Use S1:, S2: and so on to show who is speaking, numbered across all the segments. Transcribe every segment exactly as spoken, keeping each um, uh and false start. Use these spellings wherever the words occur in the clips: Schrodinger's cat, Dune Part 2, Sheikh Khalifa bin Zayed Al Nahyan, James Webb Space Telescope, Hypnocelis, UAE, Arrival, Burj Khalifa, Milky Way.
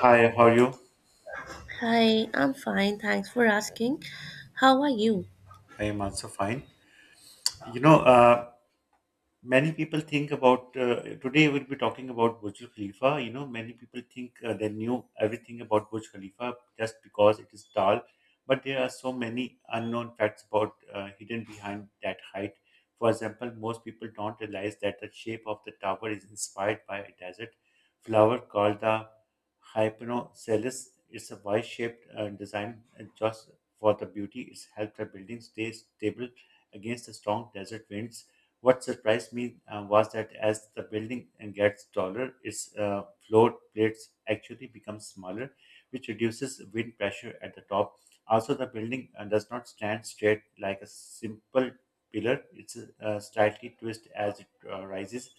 S1: Hi, how are you?
S2: Hi, I'm fine. Thanks for asking. How are you?
S1: I am also fine. You know, uh, Many people think about uh, today we'll be talking about Burj Khalifa. You know, many people think uh, they knew everything about Burj Khalifa just because it is tall, but there are so many unknown facts about uh, hidden behind that height. For example, most people don't realize that the shape of the tower is inspired by a desert flower called the Hypnocelis. It's a Y-shaped uh, design uh, just for the beauty. It's helped the building stay stable against the strong desert winds. What surprised me uh, was that as the building gets taller, its uh, floor plates actually become smaller, which reduces wind pressure at the top. Also, the building uh, does not stand straight like a simple pillar. It's uh, slightly twist as it uh, rises.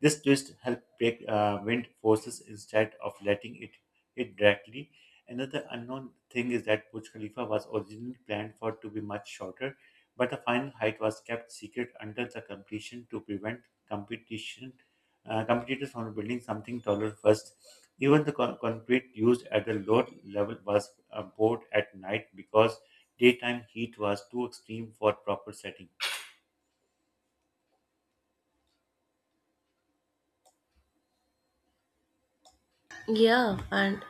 S1: This twist helps break uh, wind forces instead of letting it hit directly. Another unknown thing is that Burj Khalifa was originally planned for to be much shorter, but the final height was kept secret until the completion to prevent competition uh, competitors from building something taller first. Even the con- concrete used at the lower level was uh, poured at night because daytime heat was too extreme for proper setting.
S2: Yeah, and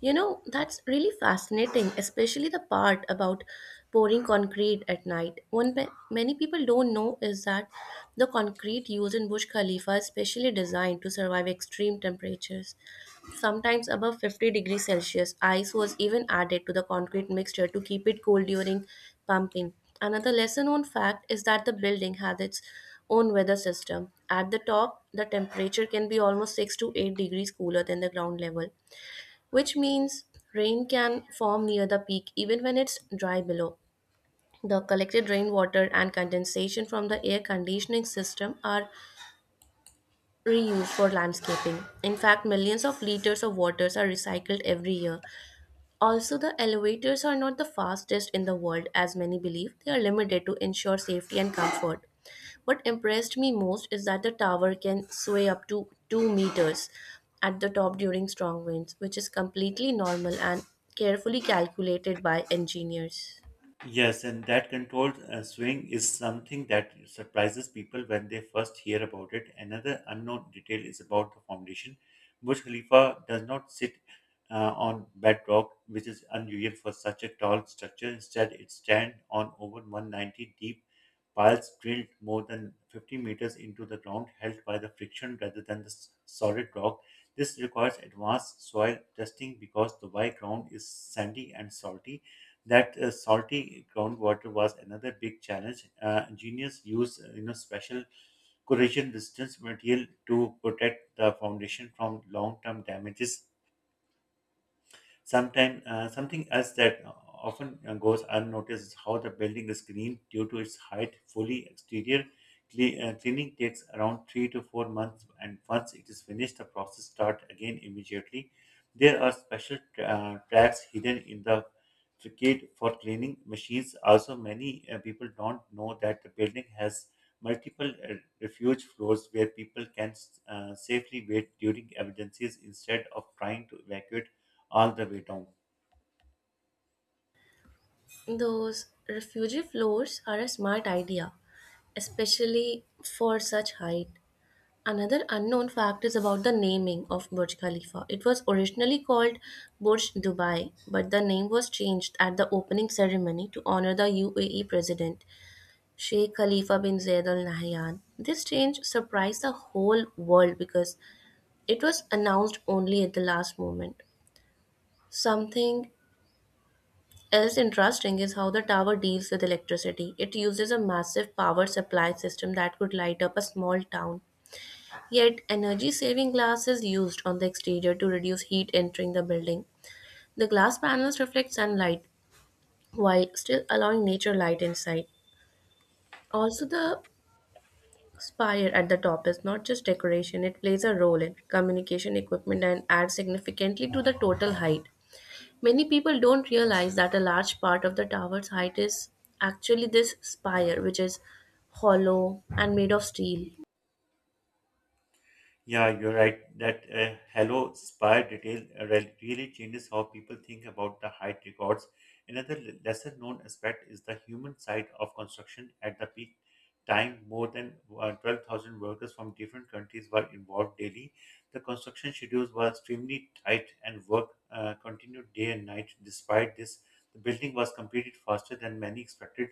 S2: you know, that's really fascinating, especially the part about pouring concrete at night. One ma- many people don't know is that the concrete used in Burj Khalifa is specially designed to survive extreme temperatures, sometimes above fifty degrees Celsius. Ice was even added to the concrete mixture to keep it cool during pumping. Another lesser known fact is that the building had its own weather system. At the top, the temperature can be almost six to eight degrees cooler than the ground level, which means rain can form near the peak even when it's dry below. The collected rainwater and condensation from the air conditioning system are reused for landscaping. In fact, millions of liters of waters are recycled every year. Also, the elevators are not the fastest in the world, as many believe. They are limited to ensure safety and comfort. What impressed me most is that the tower can sway up to two meters at the top during strong winds, which is completely normal and carefully calculated by engineers.
S1: Yes, and that controlled uh, swing is something that surprises people when they first hear about it. Another unknown detail is about the foundation. Burj Khalifa does not sit uh, on bedrock, which is unusual for such a tall structure. Instead, it stands on over one hundred ninety deep piles drilled more than fifty meters into the ground, held by the friction rather than the s- solid rock. This requires advanced soil testing because the Dubai ground is sandy and salty that uh, salty groundwater was another big challenge. Uh, engineers used uh, you know special corrosion resistant material to protect the foundation from long term damages. Sometimes uh, something else that often uh, goes unnoticed is how the building is green due to its height, fully exterior. Cle- uh, cleaning takes around three to four months, and once it is finished, the process starts again immediately. There are special uh, tracks hidden in the facade for cleaning machines. Also, many uh, people don't know that the building has multiple uh, refuge floors where people can uh, safely wait during emergencies instead of trying to evacuate all the way down.
S2: Those refugee floors are a smart idea, especially for such height. Another unknown fact is about the naming of Burj Khalifa. It was originally called Burj Dubai, but the name was changed at the opening ceremony to honor the U A E president, Sheikh Khalifa bin Zayed Al Nahyan. This change surprised the whole world because it was announced only at the last moment. Something else interesting is how the tower deals with electricity. It uses a massive power supply system that could light up a small town. Yet, energy saving glass is used on the exterior to reduce heat entering the building. The glass panels reflect sunlight while still allowing nature light inside. Also, the spire at the top is not just decoration, it plays a role in communication equipment and adds significantly to the total height. Many people don't realize that a large part of the tower's height is actually this spire, which is hollow and made of steel.
S1: Yeah, you're right. That uh, Hello Spire detail uh, re- really changes how people think about the height records. Another l- lesser known aspect is the human side of construction. At the peak time, more than uh, twelve thousand workers from different countries were involved daily. The construction schedules were extremely tight and work uh, continued day and night. Despite this, the building was completed faster than many expected.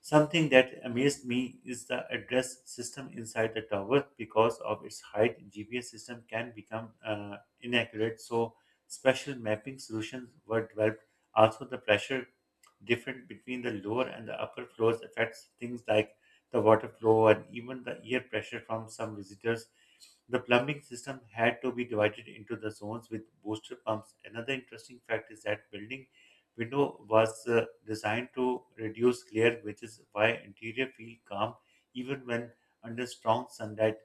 S1: Something that amazed me is the address system inside the tower because of its height. G P S system can become uh, inaccurate, so special mapping solutions were developed. Also, the pressure different between the lower and the upper floors affects things like the water flow and even the air pressure from some visitors. The plumbing system had to be divided into the zones with booster pumps. Another interesting fact is that building window was uh, designed to reduce glare, which is why interior feel calm even when under strong sunlight.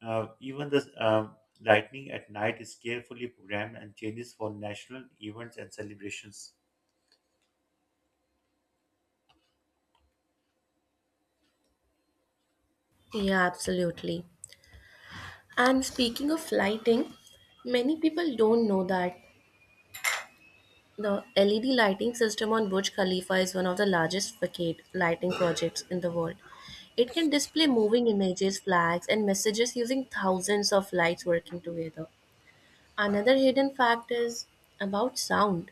S1: Uh, even the um, lightning at night is carefully programmed and changes for national events and celebrations.
S2: Yeah, absolutely. And speaking of lighting, many people don't know that the L E D lighting system on Burj Khalifa is one of the largest facade lighting projects in the world. It can display moving images, flags, and messages using thousands of lights working together. Another hidden fact is about sound.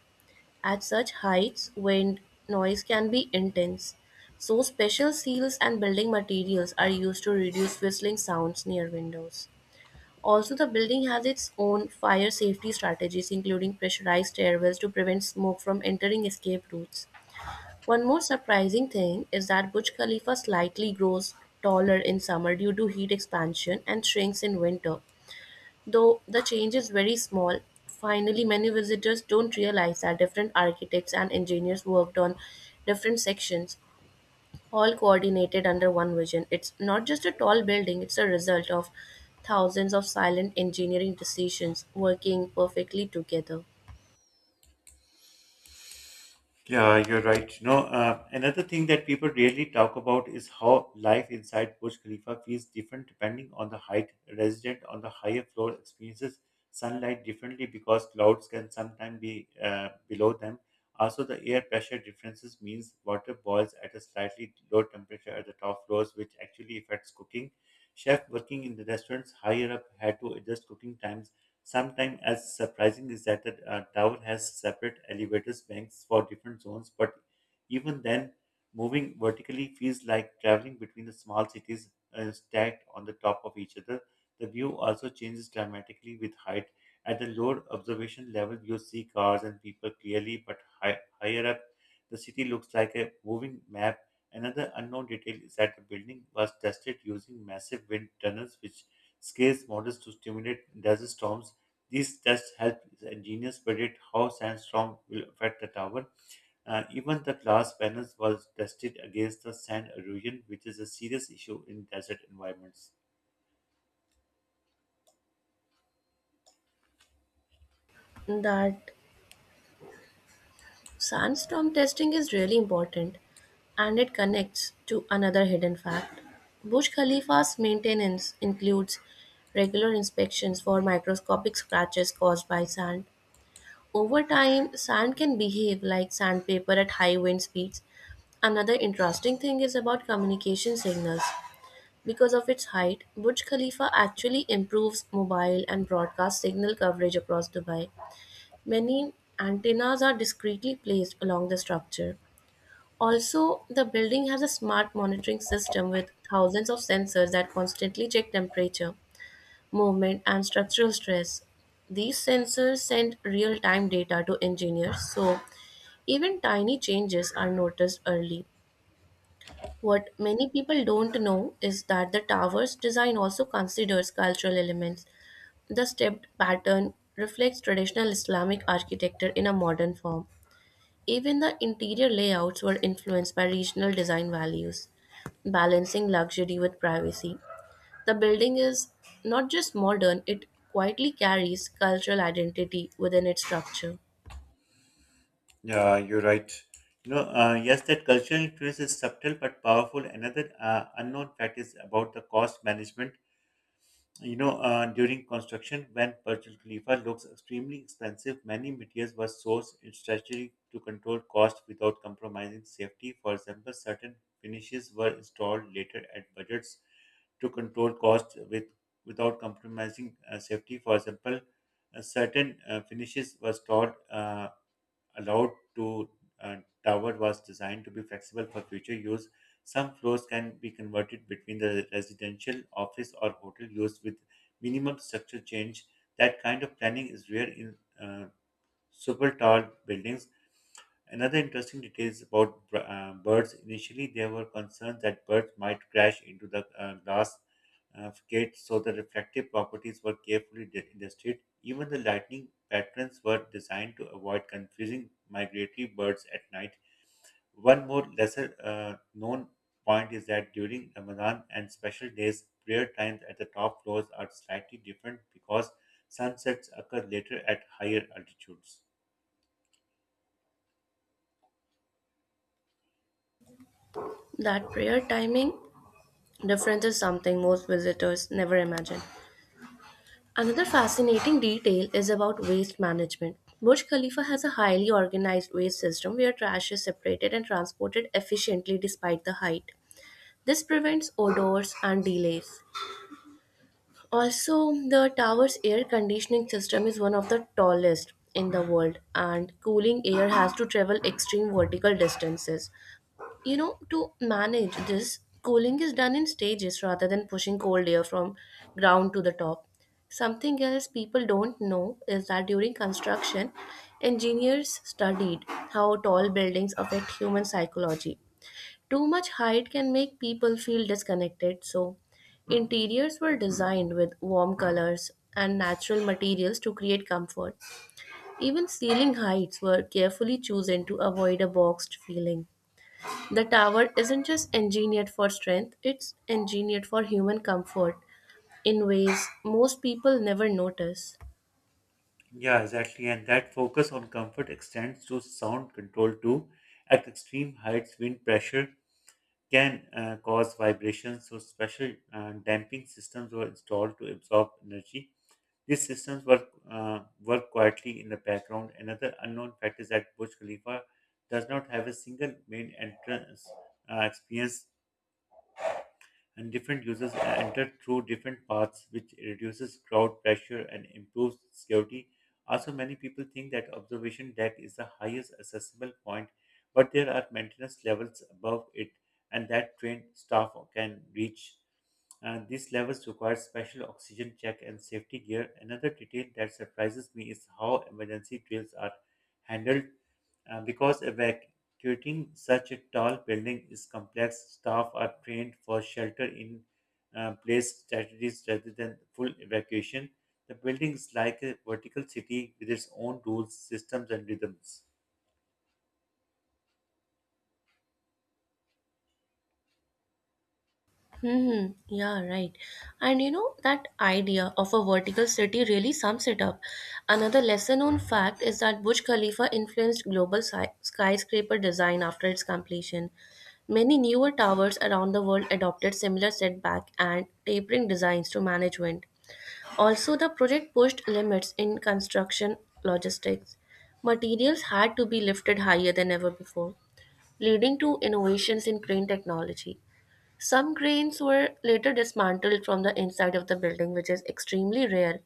S2: At such heights, wind noise can be intense. So, special seals and building materials are used to reduce whistling sounds near windows. Also, the building has its own fire safety strategies, including pressurized stairwells to prevent smoke from entering escape routes. One more surprising thing is that Burj Khalifa slightly grows taller in summer due to heat expansion and shrinks in winter. Though the change is very small, finally, many visitors don't realize that different architects and engineers worked on different sections, all coordinated under one vision. It's not just a tall building, it's a result of thousands of silent engineering decisions working perfectly together.
S1: Yeah, you're right. You know, uh, another thing that people rarely talk about is how life inside Burj Khalifa feels different depending on the height. Resident on the higher floor experiences sunlight differently because clouds can sometimes be uh, below them. Also, the air pressure differences means water boils at a slightly lower temperature at the top floors, which actually affects cooking. Chef working in the restaurants higher up had to adjust cooking times. Sometimes, as surprising is that the uh, tower has separate elevators banks for different zones, but even then, moving vertically feels like traveling between the small cities uh, stacked on the top of each other. The view also changes dramatically with height. At the lower observation level, you see cars and people clearly, but hi- higher up, the city looks like a moving map. Another unknown detail is that the building was tested using massive wind tunnels, which scales models to stimulate desert storms. These tests helped engineers predict how sandstorm will affect the tower. Uh, even the glass panels was tested against the sand erosion, which is a serious issue in desert environments.
S2: That sandstorm testing is really important, and it connects to another hidden fact. Burj Khalifa's maintenance includes regular inspections for microscopic scratches caused by sand. Over time, sand can behave like sandpaper at high wind speeds. Another interesting thing is about communication signals. Because of its height, Burj Khalifa actually improves mobile and broadcast signal coverage across Dubai. Many antennas are discreetly placed along the structure. Also, the building has a smart monitoring system with thousands of sensors that constantly check temperature, movement, and structural stress. These sensors send real time data to engineers so even tiny changes are noticed early. What many people don't know is that the tower's design also considers cultural elements. The stepped pattern reflects traditional Islamic architecture in a modern form. Even the interior layouts were influenced by regional design values, balancing luxury with privacy. The building is not just modern, it quietly carries cultural identity within its structure.
S1: Yeah, you're right. You know, uh, yes, that cultural influence is subtle but powerful. Another uh, unknown fact is about the cost management. You know, uh, during construction, when Burj Khalifa looks extremely expensive, many materials were sourced in strategy to control cost without compromising safety. For example, certain finishes were installed later at budgets to control cost with without compromising uh, safety. For example, uh, certain uh, finishes were stored uh, allowed to uh, tower was designed to be flexible for future use. Some floors can be converted between the residential, office, or hotel use with minimum structure change. That kind of planning is rare in uh, super tall buildings. Another interesting detail is about uh, birds. Initially, there were concerns that birds might crash into the uh, glass uh, gate, so the reflective properties were carefully de- illustrated. Even the lightning patterns were designed to avoid confusing migratory birds at night. One more lesser uh, known point is that during Ramadan and special days, prayer times at the top floors are slightly different because sunsets occur later at higher altitudes.
S2: That prayer timing difference is something most visitors never imagine. Another fascinating detail is about waste management. Burj Khalifa has a highly organized waste system where trash is separated and transported efficiently despite the height. This prevents odors and delays. Also, the tower's air conditioning system is one of the tallest in the world, and cooling air has to travel extreme vertical distances. You know, to manage this, cooling is done in stages rather than pushing cold air from ground to the top. Something else people don't know is that during construction, engineers studied how tall buildings affect human psychology. Too much height can make people feel disconnected, so interiors were designed with warm colors and natural materials to create comfort. Even ceiling heights were carefully chosen to avoid a boxed feeling. The tower isn't just engineered for strength, it's engineered for human comfort in ways most people never notice.
S1: Yeah, exactly. And that focus on comfort extends to sound control too. At extreme heights, wind pressure can uh, cause vibrations, so special uh, damping systems were installed to absorb energy. These systems work, uh, work quietly in the background. Another unknown fact is that Burj Khalifa does not have a single main entrance uh, experience and different users enter through different paths, which reduces crowd pressure and improves security. Also, many people think that observation deck is the highest accessible point, but there are maintenance levels above it, and that trained staff can reach. Uh, these levels require special oxygen check and safety gear. Another detail that surprises me is how emergency drills are handled uh, because evacuating such a tall building is complex, staff are trained for shelter in uh, place strategies rather than full evacuation. The building is like a vertical city with its own rules, systems, and rhythms.
S2: Hmm, yeah, right. And you know, that idea of a vertical city really sums it up. Another lesser known fact is that Burj Khalifa influenced global sci- skyscraper design after its completion. Many newer towers around the world adopted similar setback and tapering designs to management. Also, the project pushed limits in construction logistics. Materials had to be lifted higher than ever before, leading to innovations in crane technology. Some cranes were later dismantled from the inside of the building, which is extremely rare.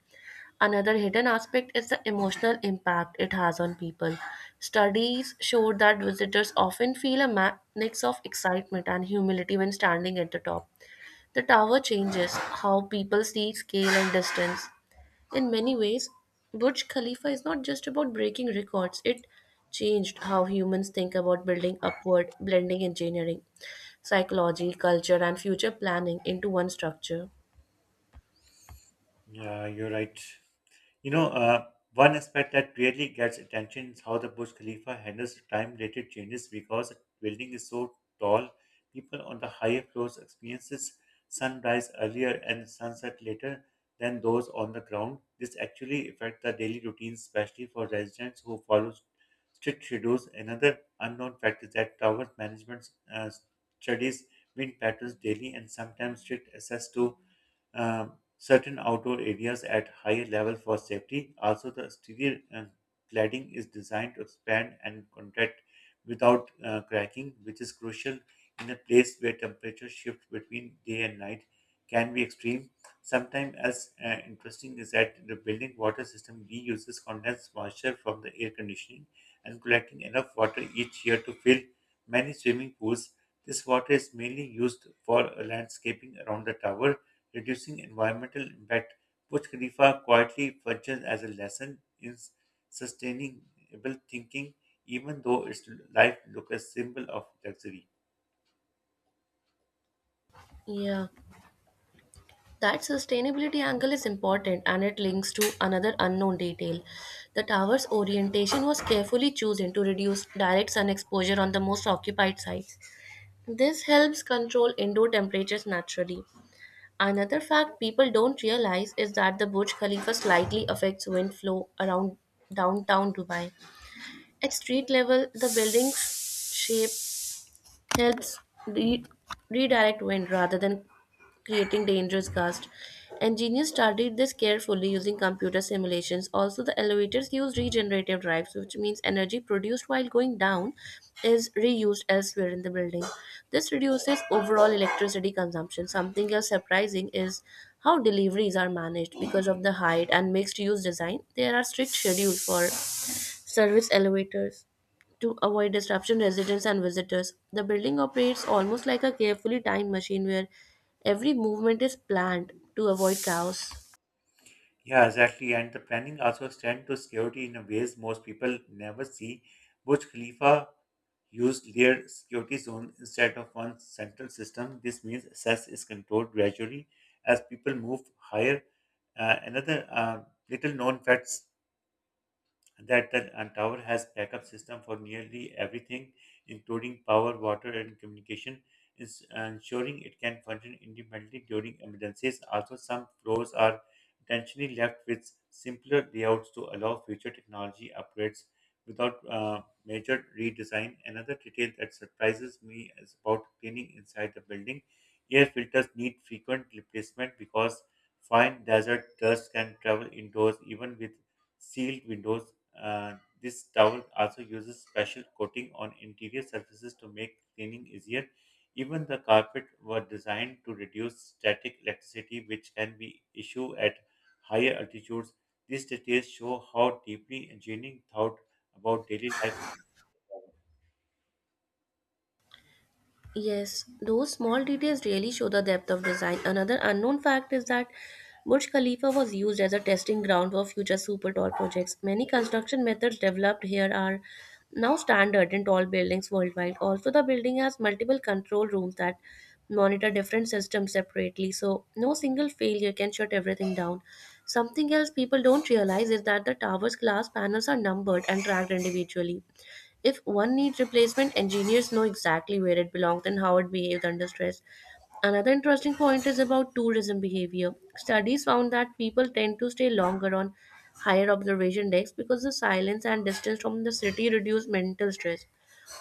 S2: Another hidden aspect is the emotional impact it has on people. Studies showed that visitors often feel a ma- mix of excitement and humility when standing at the top. The tower changes how people see scale and distance. In many ways, Burj Khalifa is not just about breaking records, it changed how humans think about building upward, blending engineering, psychology, culture, and future planning into one structure.
S1: Yeah, you're right. You know, uh, One aspect that really gets attention is how the Burj Khalifa handles time-related changes because the building is so tall. People on the higher floors experiences sunrise earlier and sunset later than those on the ground. This actually affects the daily routines, especially for residents who follow strict schedules. Another unknown fact is that tower management uh, studies wind patterns daily and sometimes strict access to uh, certain outdoor areas at higher level for safety. Also, the exterior uh, cladding is designed to expand and contract without uh, cracking, which is crucial in a place where temperature shift between day and night can be extreme. Sometimes, as uh, interesting is that the building water system reuses condensed moisture from the air conditioning and collecting enough water each year to fill many swimming pools. This water is mainly used for landscaping around the tower reducing environmental impact. Burj Khalifa quietly functions as a lesson in sustainable thinking, even though its life looks a symbol of luxury.
S2: Yeah, that sustainability angle is important and it links to another unknown detail. The tower's orientation was carefully chosen to reduce direct sun exposure on the most occupied sites. This helps control indoor temperatures naturally. Another fact people don't realize is that the Burj Khalifa slightly affects wind flow around downtown Dubai. At street level, the building's shape helps re- redirect wind rather than creating dangerous gusts. Engineers studied this carefully using computer simulations. Also, the elevators use regenerative drives, which means energy produced while going down is reused elsewhere in the building. This reduces overall electricity consumption. Something else surprising is how deliveries are managed because of the height and mixed use design. There are strict schedules for service elevators to avoid disruption residents and visitors. The building operates almost like a carefully timed machine where every movement is planned to avoid chaos.
S1: Yeah, exactly. And the planning also extends to security in a ways most people never see. Burj Khalifa used layered security zones instead of one central system. This means access is controlled gradually as people move higher. Uh, another uh, little known fact that the uh, tower has backup system for nearly everything, including power, water, and communication, is ensuring it can function independently during emergencies. Also, some floors are intentionally left with simpler layouts to allow future technology upgrades without uh, major redesign. Another detail that surprises me is about cleaning inside the building. Air filters need frequent replacement because fine desert dust can travel indoors even with sealed windows. uh, this towel also uses special coating on interior surfaces to make cleaning easier. Even the carpet were designed to reduce static electricity, which can be issue at higher altitudes. These details show how deeply engineering thought about daily life.
S2: Yes, those small details really show the depth of design. Another unknown fact is that Burj Khalifa was used as a testing ground for future super tall projects. Many construction methods developed here are now standard in tall buildings worldwide. Also, the building has multiple control rooms that monitor different systems separately, so no single failure can shut everything down. Something else people don't realize is that the tower's glass panels are numbered and tracked individually. If one needs replacement, engineers know exactly where it belongs and how it behaves under stress. Another interesting point is about tourism behavior. Studies found that people tend to stay longer on higher observation decks because the silence and distance from the city reduce mental stress.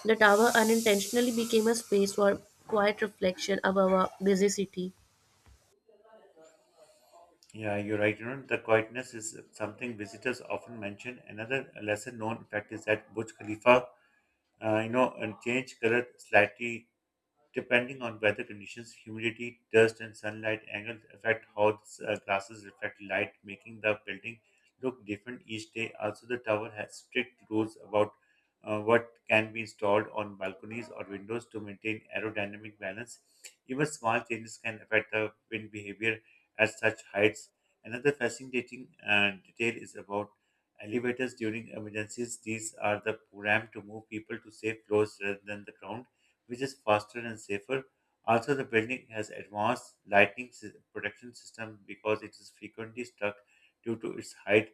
S2: The tower unintentionally became a space for quiet reflection above a busy city.
S1: Yeah, you're right. You know, the quietness is something visitors often mention. Another lesser known fact is that Burj Khalifa, uh, you know, and change color slightly depending on weather conditions, humidity, dust, and sunlight angles affect how the s- uh, glasses reflect light, making the building look different each day. Also, the tower has strict rules about uh, what can be installed on balconies or windows to maintain aerodynamic balance. Even small changes can affect the wind behavior at such heights. Another fascinating uh, detail is about elevators during emergencies. These are the program to move people to safe floors rather than the ground, which is faster and safer. Also, the building has advanced lightning sy- protection system because it is frequently struck due to its height.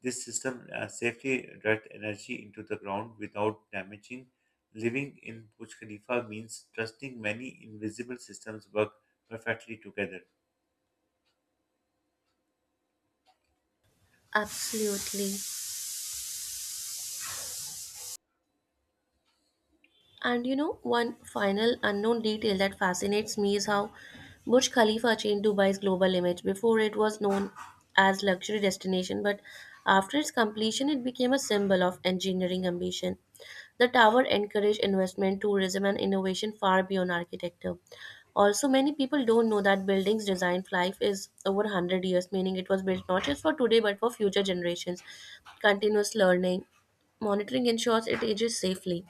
S1: This system uh, safely directs energy into the ground without damaging. Living in Burj Khalifa means trusting many invisible systems work perfectly together.
S2: Absolutely. And you know, one final unknown detail that fascinates me is how Burj Khalifa changed Dubai's global image. Before it was known as luxury destination, but after its completion it became a symbol of engineering ambition. The tower encouraged investment, tourism and innovation far beyond architecture. Also, many people don't know that building's design life is over one hundred years, meaning it was built not just for today but for future generations. Continuous learning, monitoring ensures it ages safely.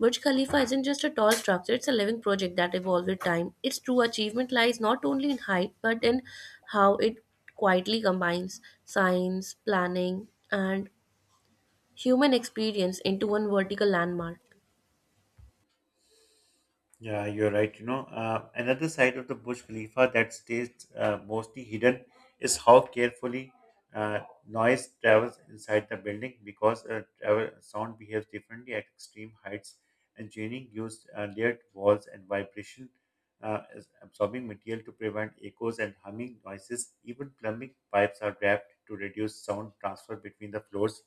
S2: Burj Khalifa isn't just a tall structure, it's a living project that evolves with time. Its true achievement lies not only in height, but in how it quietly combines science, planning, and human experience into one vertical landmark.
S1: Yeah, you're right. You know, uh, another side of the Burj Khalifa that stays uh, mostly hidden is how carefully uh, noise travels inside the building because uh, travel, sound behaves differently at extreme heights. Engineering used uh, layered walls and vibration uh, as absorbing material to prevent echoes and humming noises. Even plumbing pipes are wrapped to reduce sound transfer between the floors.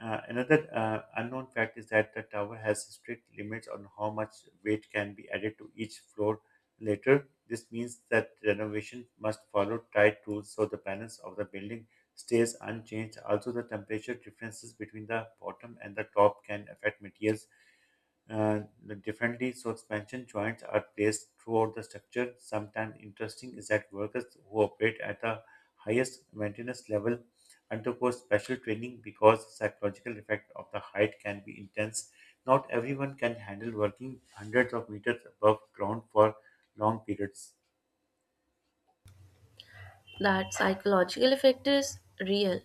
S1: Uh, another uh, unknown fact is that the tower has strict limits on how much weight can be added to each floor later. This means that renovation must follow tight rules so the balance of the building stays unchanged. Also, the temperature differences between the bottom and the top can affect materials uh, differently, so expansion joints are placed throughout the structure. Sometimes interesting is that workers who operate at the highest maintenance level undergo special training because the psychological effect of the height can be intense. Not everyone can handle working hundreds of meters above ground for long periods.
S2: That psychological effect is real,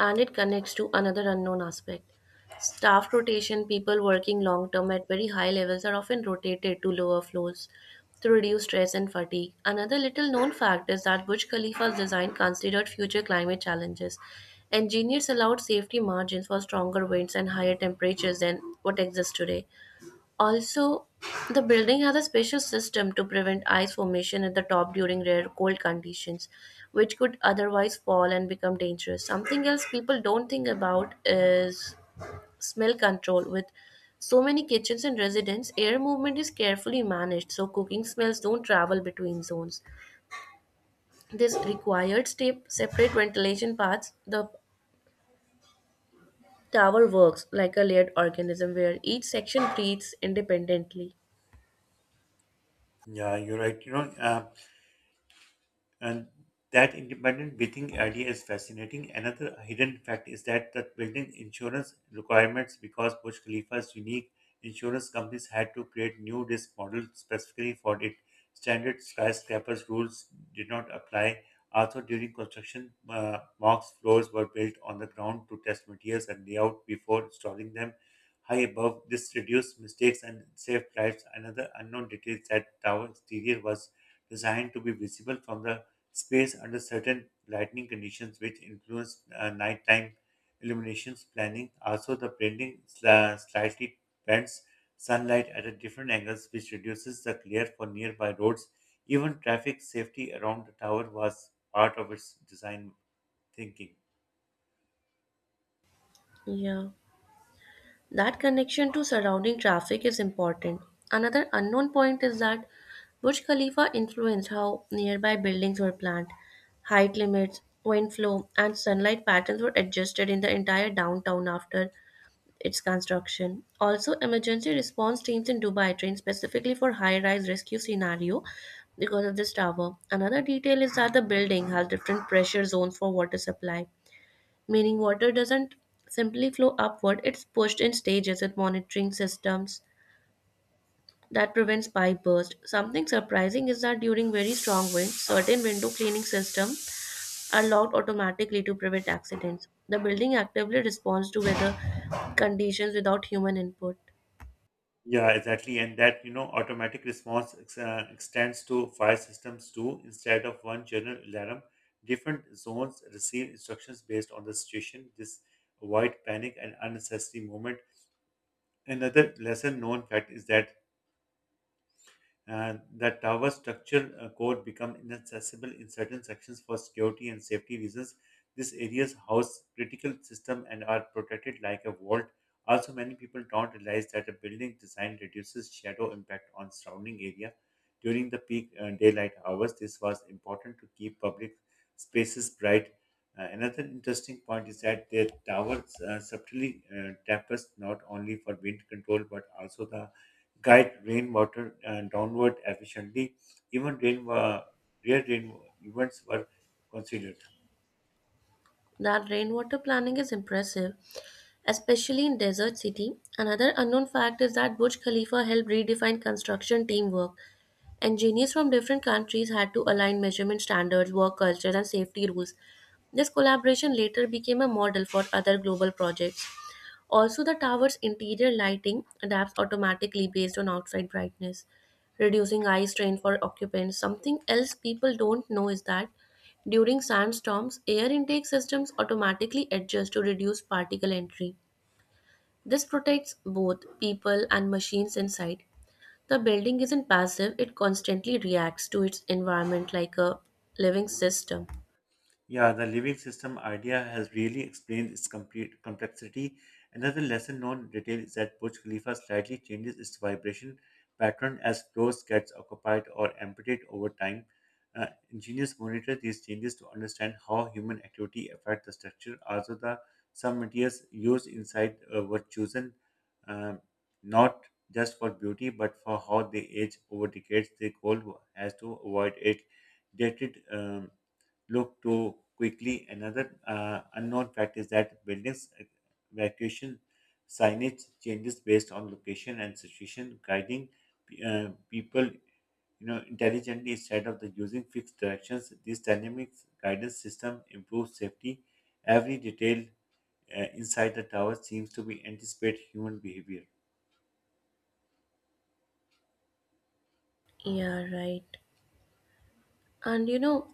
S2: and it connects to another unknown aspect. Staff rotation, people working long term at very high levels are often rotated to lower floors to reduce stress and fatigue. Another little known fact is that Burj Khalifa's design considered future climate challenges. Engineers allowed safety margins for stronger winds and higher temperatures than what exists today. Also, the building has a special system to prevent ice formation at the top during rare cold conditions, which could otherwise fall and become dangerous. Something else people don't think about is smell control. With so many kitchens and residents, air movement is carefully managed so cooking smells don't travel between zones. This required step separate ventilation paths. The tower works like a layered organism where each section breathes independently.
S1: Yeah, you're right. You know, uh, And that independent breathing idea is fascinating. Another hidden fact is that the building insurance requirements, because Burj Khalifa's unique insurance companies had to create new risk models specifically for it. Standard skyscrapers rules did not apply. Also, during construction, uh, mock floors were built on the ground to test materials and layout before installing them high above. This reduced mistakes and saved lives. Another unknown detail is that tower exterior was designed to be visible from the space under certain lighting conditions, which influence uh, nighttime illuminations planning. Also, the blending sli- slightly bends sunlight at a different angles, which reduces the glare for nearby roads. Even traffic safety around the tower was part of its design thinking.
S2: Yeah. That connection to surrounding traffic is important. Another unknown point is that Burj Khalifa influenced how nearby buildings were planned. Height limits, wind flow, and sunlight patterns were adjusted in the entire downtown after its construction. Also, emergency response teams in Dubai trained specifically for high-rise rescue scenario because of this tower. Another detail is that the building has different pressure zones for water supply, meaning water doesn't simply flow upward, it's pushed in stages with monitoring systems that prevents pipe burst. Something surprising is that during very strong winds, certain window cleaning systems are locked automatically to prevent accidents. The building actively responds to weather conditions without human input.
S1: Yeah, exactly. And that, you know, automatic response ex- uh, extends to fire systems too. Instead of one general alarm, different zones receive instructions based on the situation. This avoid panic and unnecessary movement. Another lesser known fact is that uh, the tower structure uh, code become inaccessible in certain sections for security and safety reasons. These areas house critical system and are protected like a vault. Also, many people don't realize that a building design reduces shadow impact on surrounding area. During the peak uh, daylight hours, this was important to keep public spaces bright. Uh, another interesting point is that the towers uh, subtly uh, tapers not only for wind control but also the guide rainwater uh, downward efficiently. Even rain, uh, rare rain events were considered.
S2: That rainwater planning is impressive, especially in desert city. Another unknown fact is that Burj Khalifa helped redefine construction teamwork. Engineers from different countries had to align measurement standards, work cultures, and safety rules. This collaboration later became a model for other global projects. Also, the tower's interior lighting adapts automatically based on outside brightness, reducing eye strain for occupants. Something else people don't know is that during sandstorms, air intake systems automatically adjust to reduce particle entry. This protects both people and machines inside. The building isn't passive, it constantly reacts to its environment like a living system.
S1: Yeah, the living system idea has really explained its complete complexity. Another lesser known detail is that Burj Khalifa slightly changes its vibration pattern as floors gets occupied or emptied over time. Uh, Engineers monitor these changes to understand how human activity affects the structure. Also, the some materials used inside uh, were chosen um, not just for beauty but for how they age over decades. The goal was- has to avoid it dated. Um, look too quickly. Another uh, unknown fact is that buildings uh, evacuation signage changes based on location and situation, guiding uh, people you know intelligently instead of the using fixed directions. This dynamic guidance system improves safety. Every detail uh, inside the tower seems to be anticipate human behavior.
S2: Yeah, right. And you know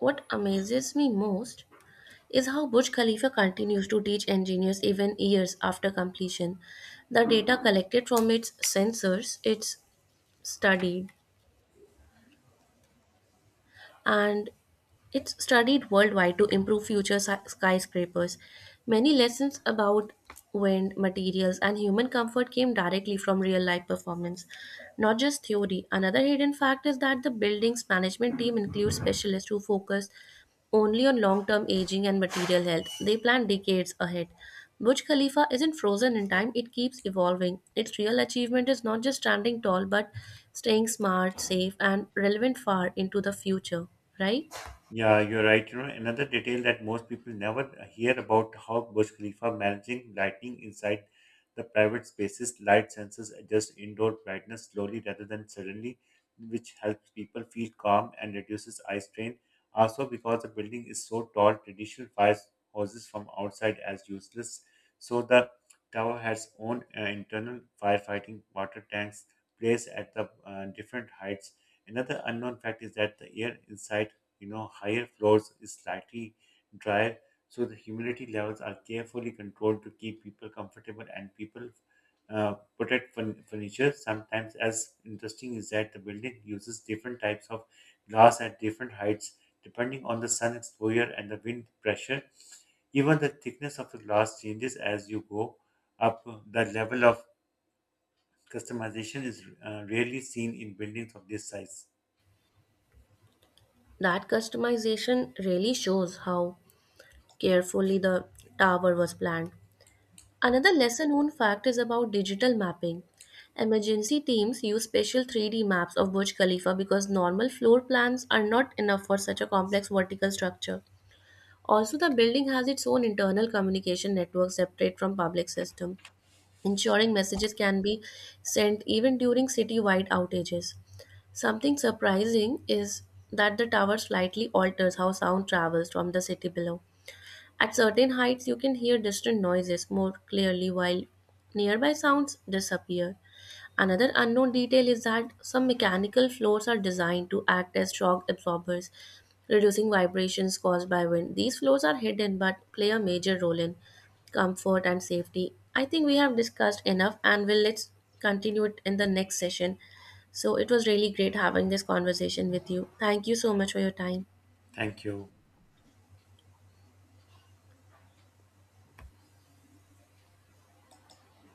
S2: what amazes me most? Is how Burj Khalifa continues to teach engineers even years after completion. The data collected from its sensors is studied, and it's studied worldwide to improve future si- skyscrapers. Many lessons about wind, materials, and human comfort came directly from real life performance, not just theory. Another hidden fact is that the building's management team includes specialists who focus only on long term aging and material health. They plan decades ahead. Burj Khalifa isn't frozen in time, it keeps evolving. Its real achievement is not just standing tall, but staying smart, safe, and relevant far into the future, right?
S1: Yeah, you're right. You know, another detail that most people never hear about how Burj Khalifa managing lighting inside the private spaces, light sensors adjust indoor brightness slowly rather than suddenly, which helps people feel calm and reduces eye strain. Also, because the building is so tall, traditional fire hoses from outside as useless. So the tower has own uh, internal firefighting water tanks placed at the uh, different heights. Another unknown fact is that the air inside you know higher floors is slightly drier, so the humidity levels are carefully controlled to keep people comfortable and people uh, protect furn- furniture. Sometimes as interesting is that the building uses different types of glass at different heights depending on the sun exposure and the wind pressure. Even the thickness of the glass changes as you go up. The level of customization is uh, rarely seen in buildings of this size.
S2: That customization really shows how carefully the tower was planned. Another lesser known fact is about digital mapping. Emergency teams use special three D maps of Burj Khalifa because normal floor plans are not enough for such a complex vertical structure. Also, the building has its own internal communication network separate from public system, ensuring messages can be sent even during city-wide outages. Something surprising is that the tower slightly alters how sound travels from the city below. At certain heights, you can hear distant noises more clearly while nearby sounds disappear. Another unknown detail is that some mechanical floors are designed to act as shock absorbers, reducing vibrations caused by wind. These floors are hidden but play a major role in comfort and safety. I think we have discussed enough and we'll let's continue it in the next session. So it was really great having this conversation with you. Thank you so much for your time.
S1: Thank you.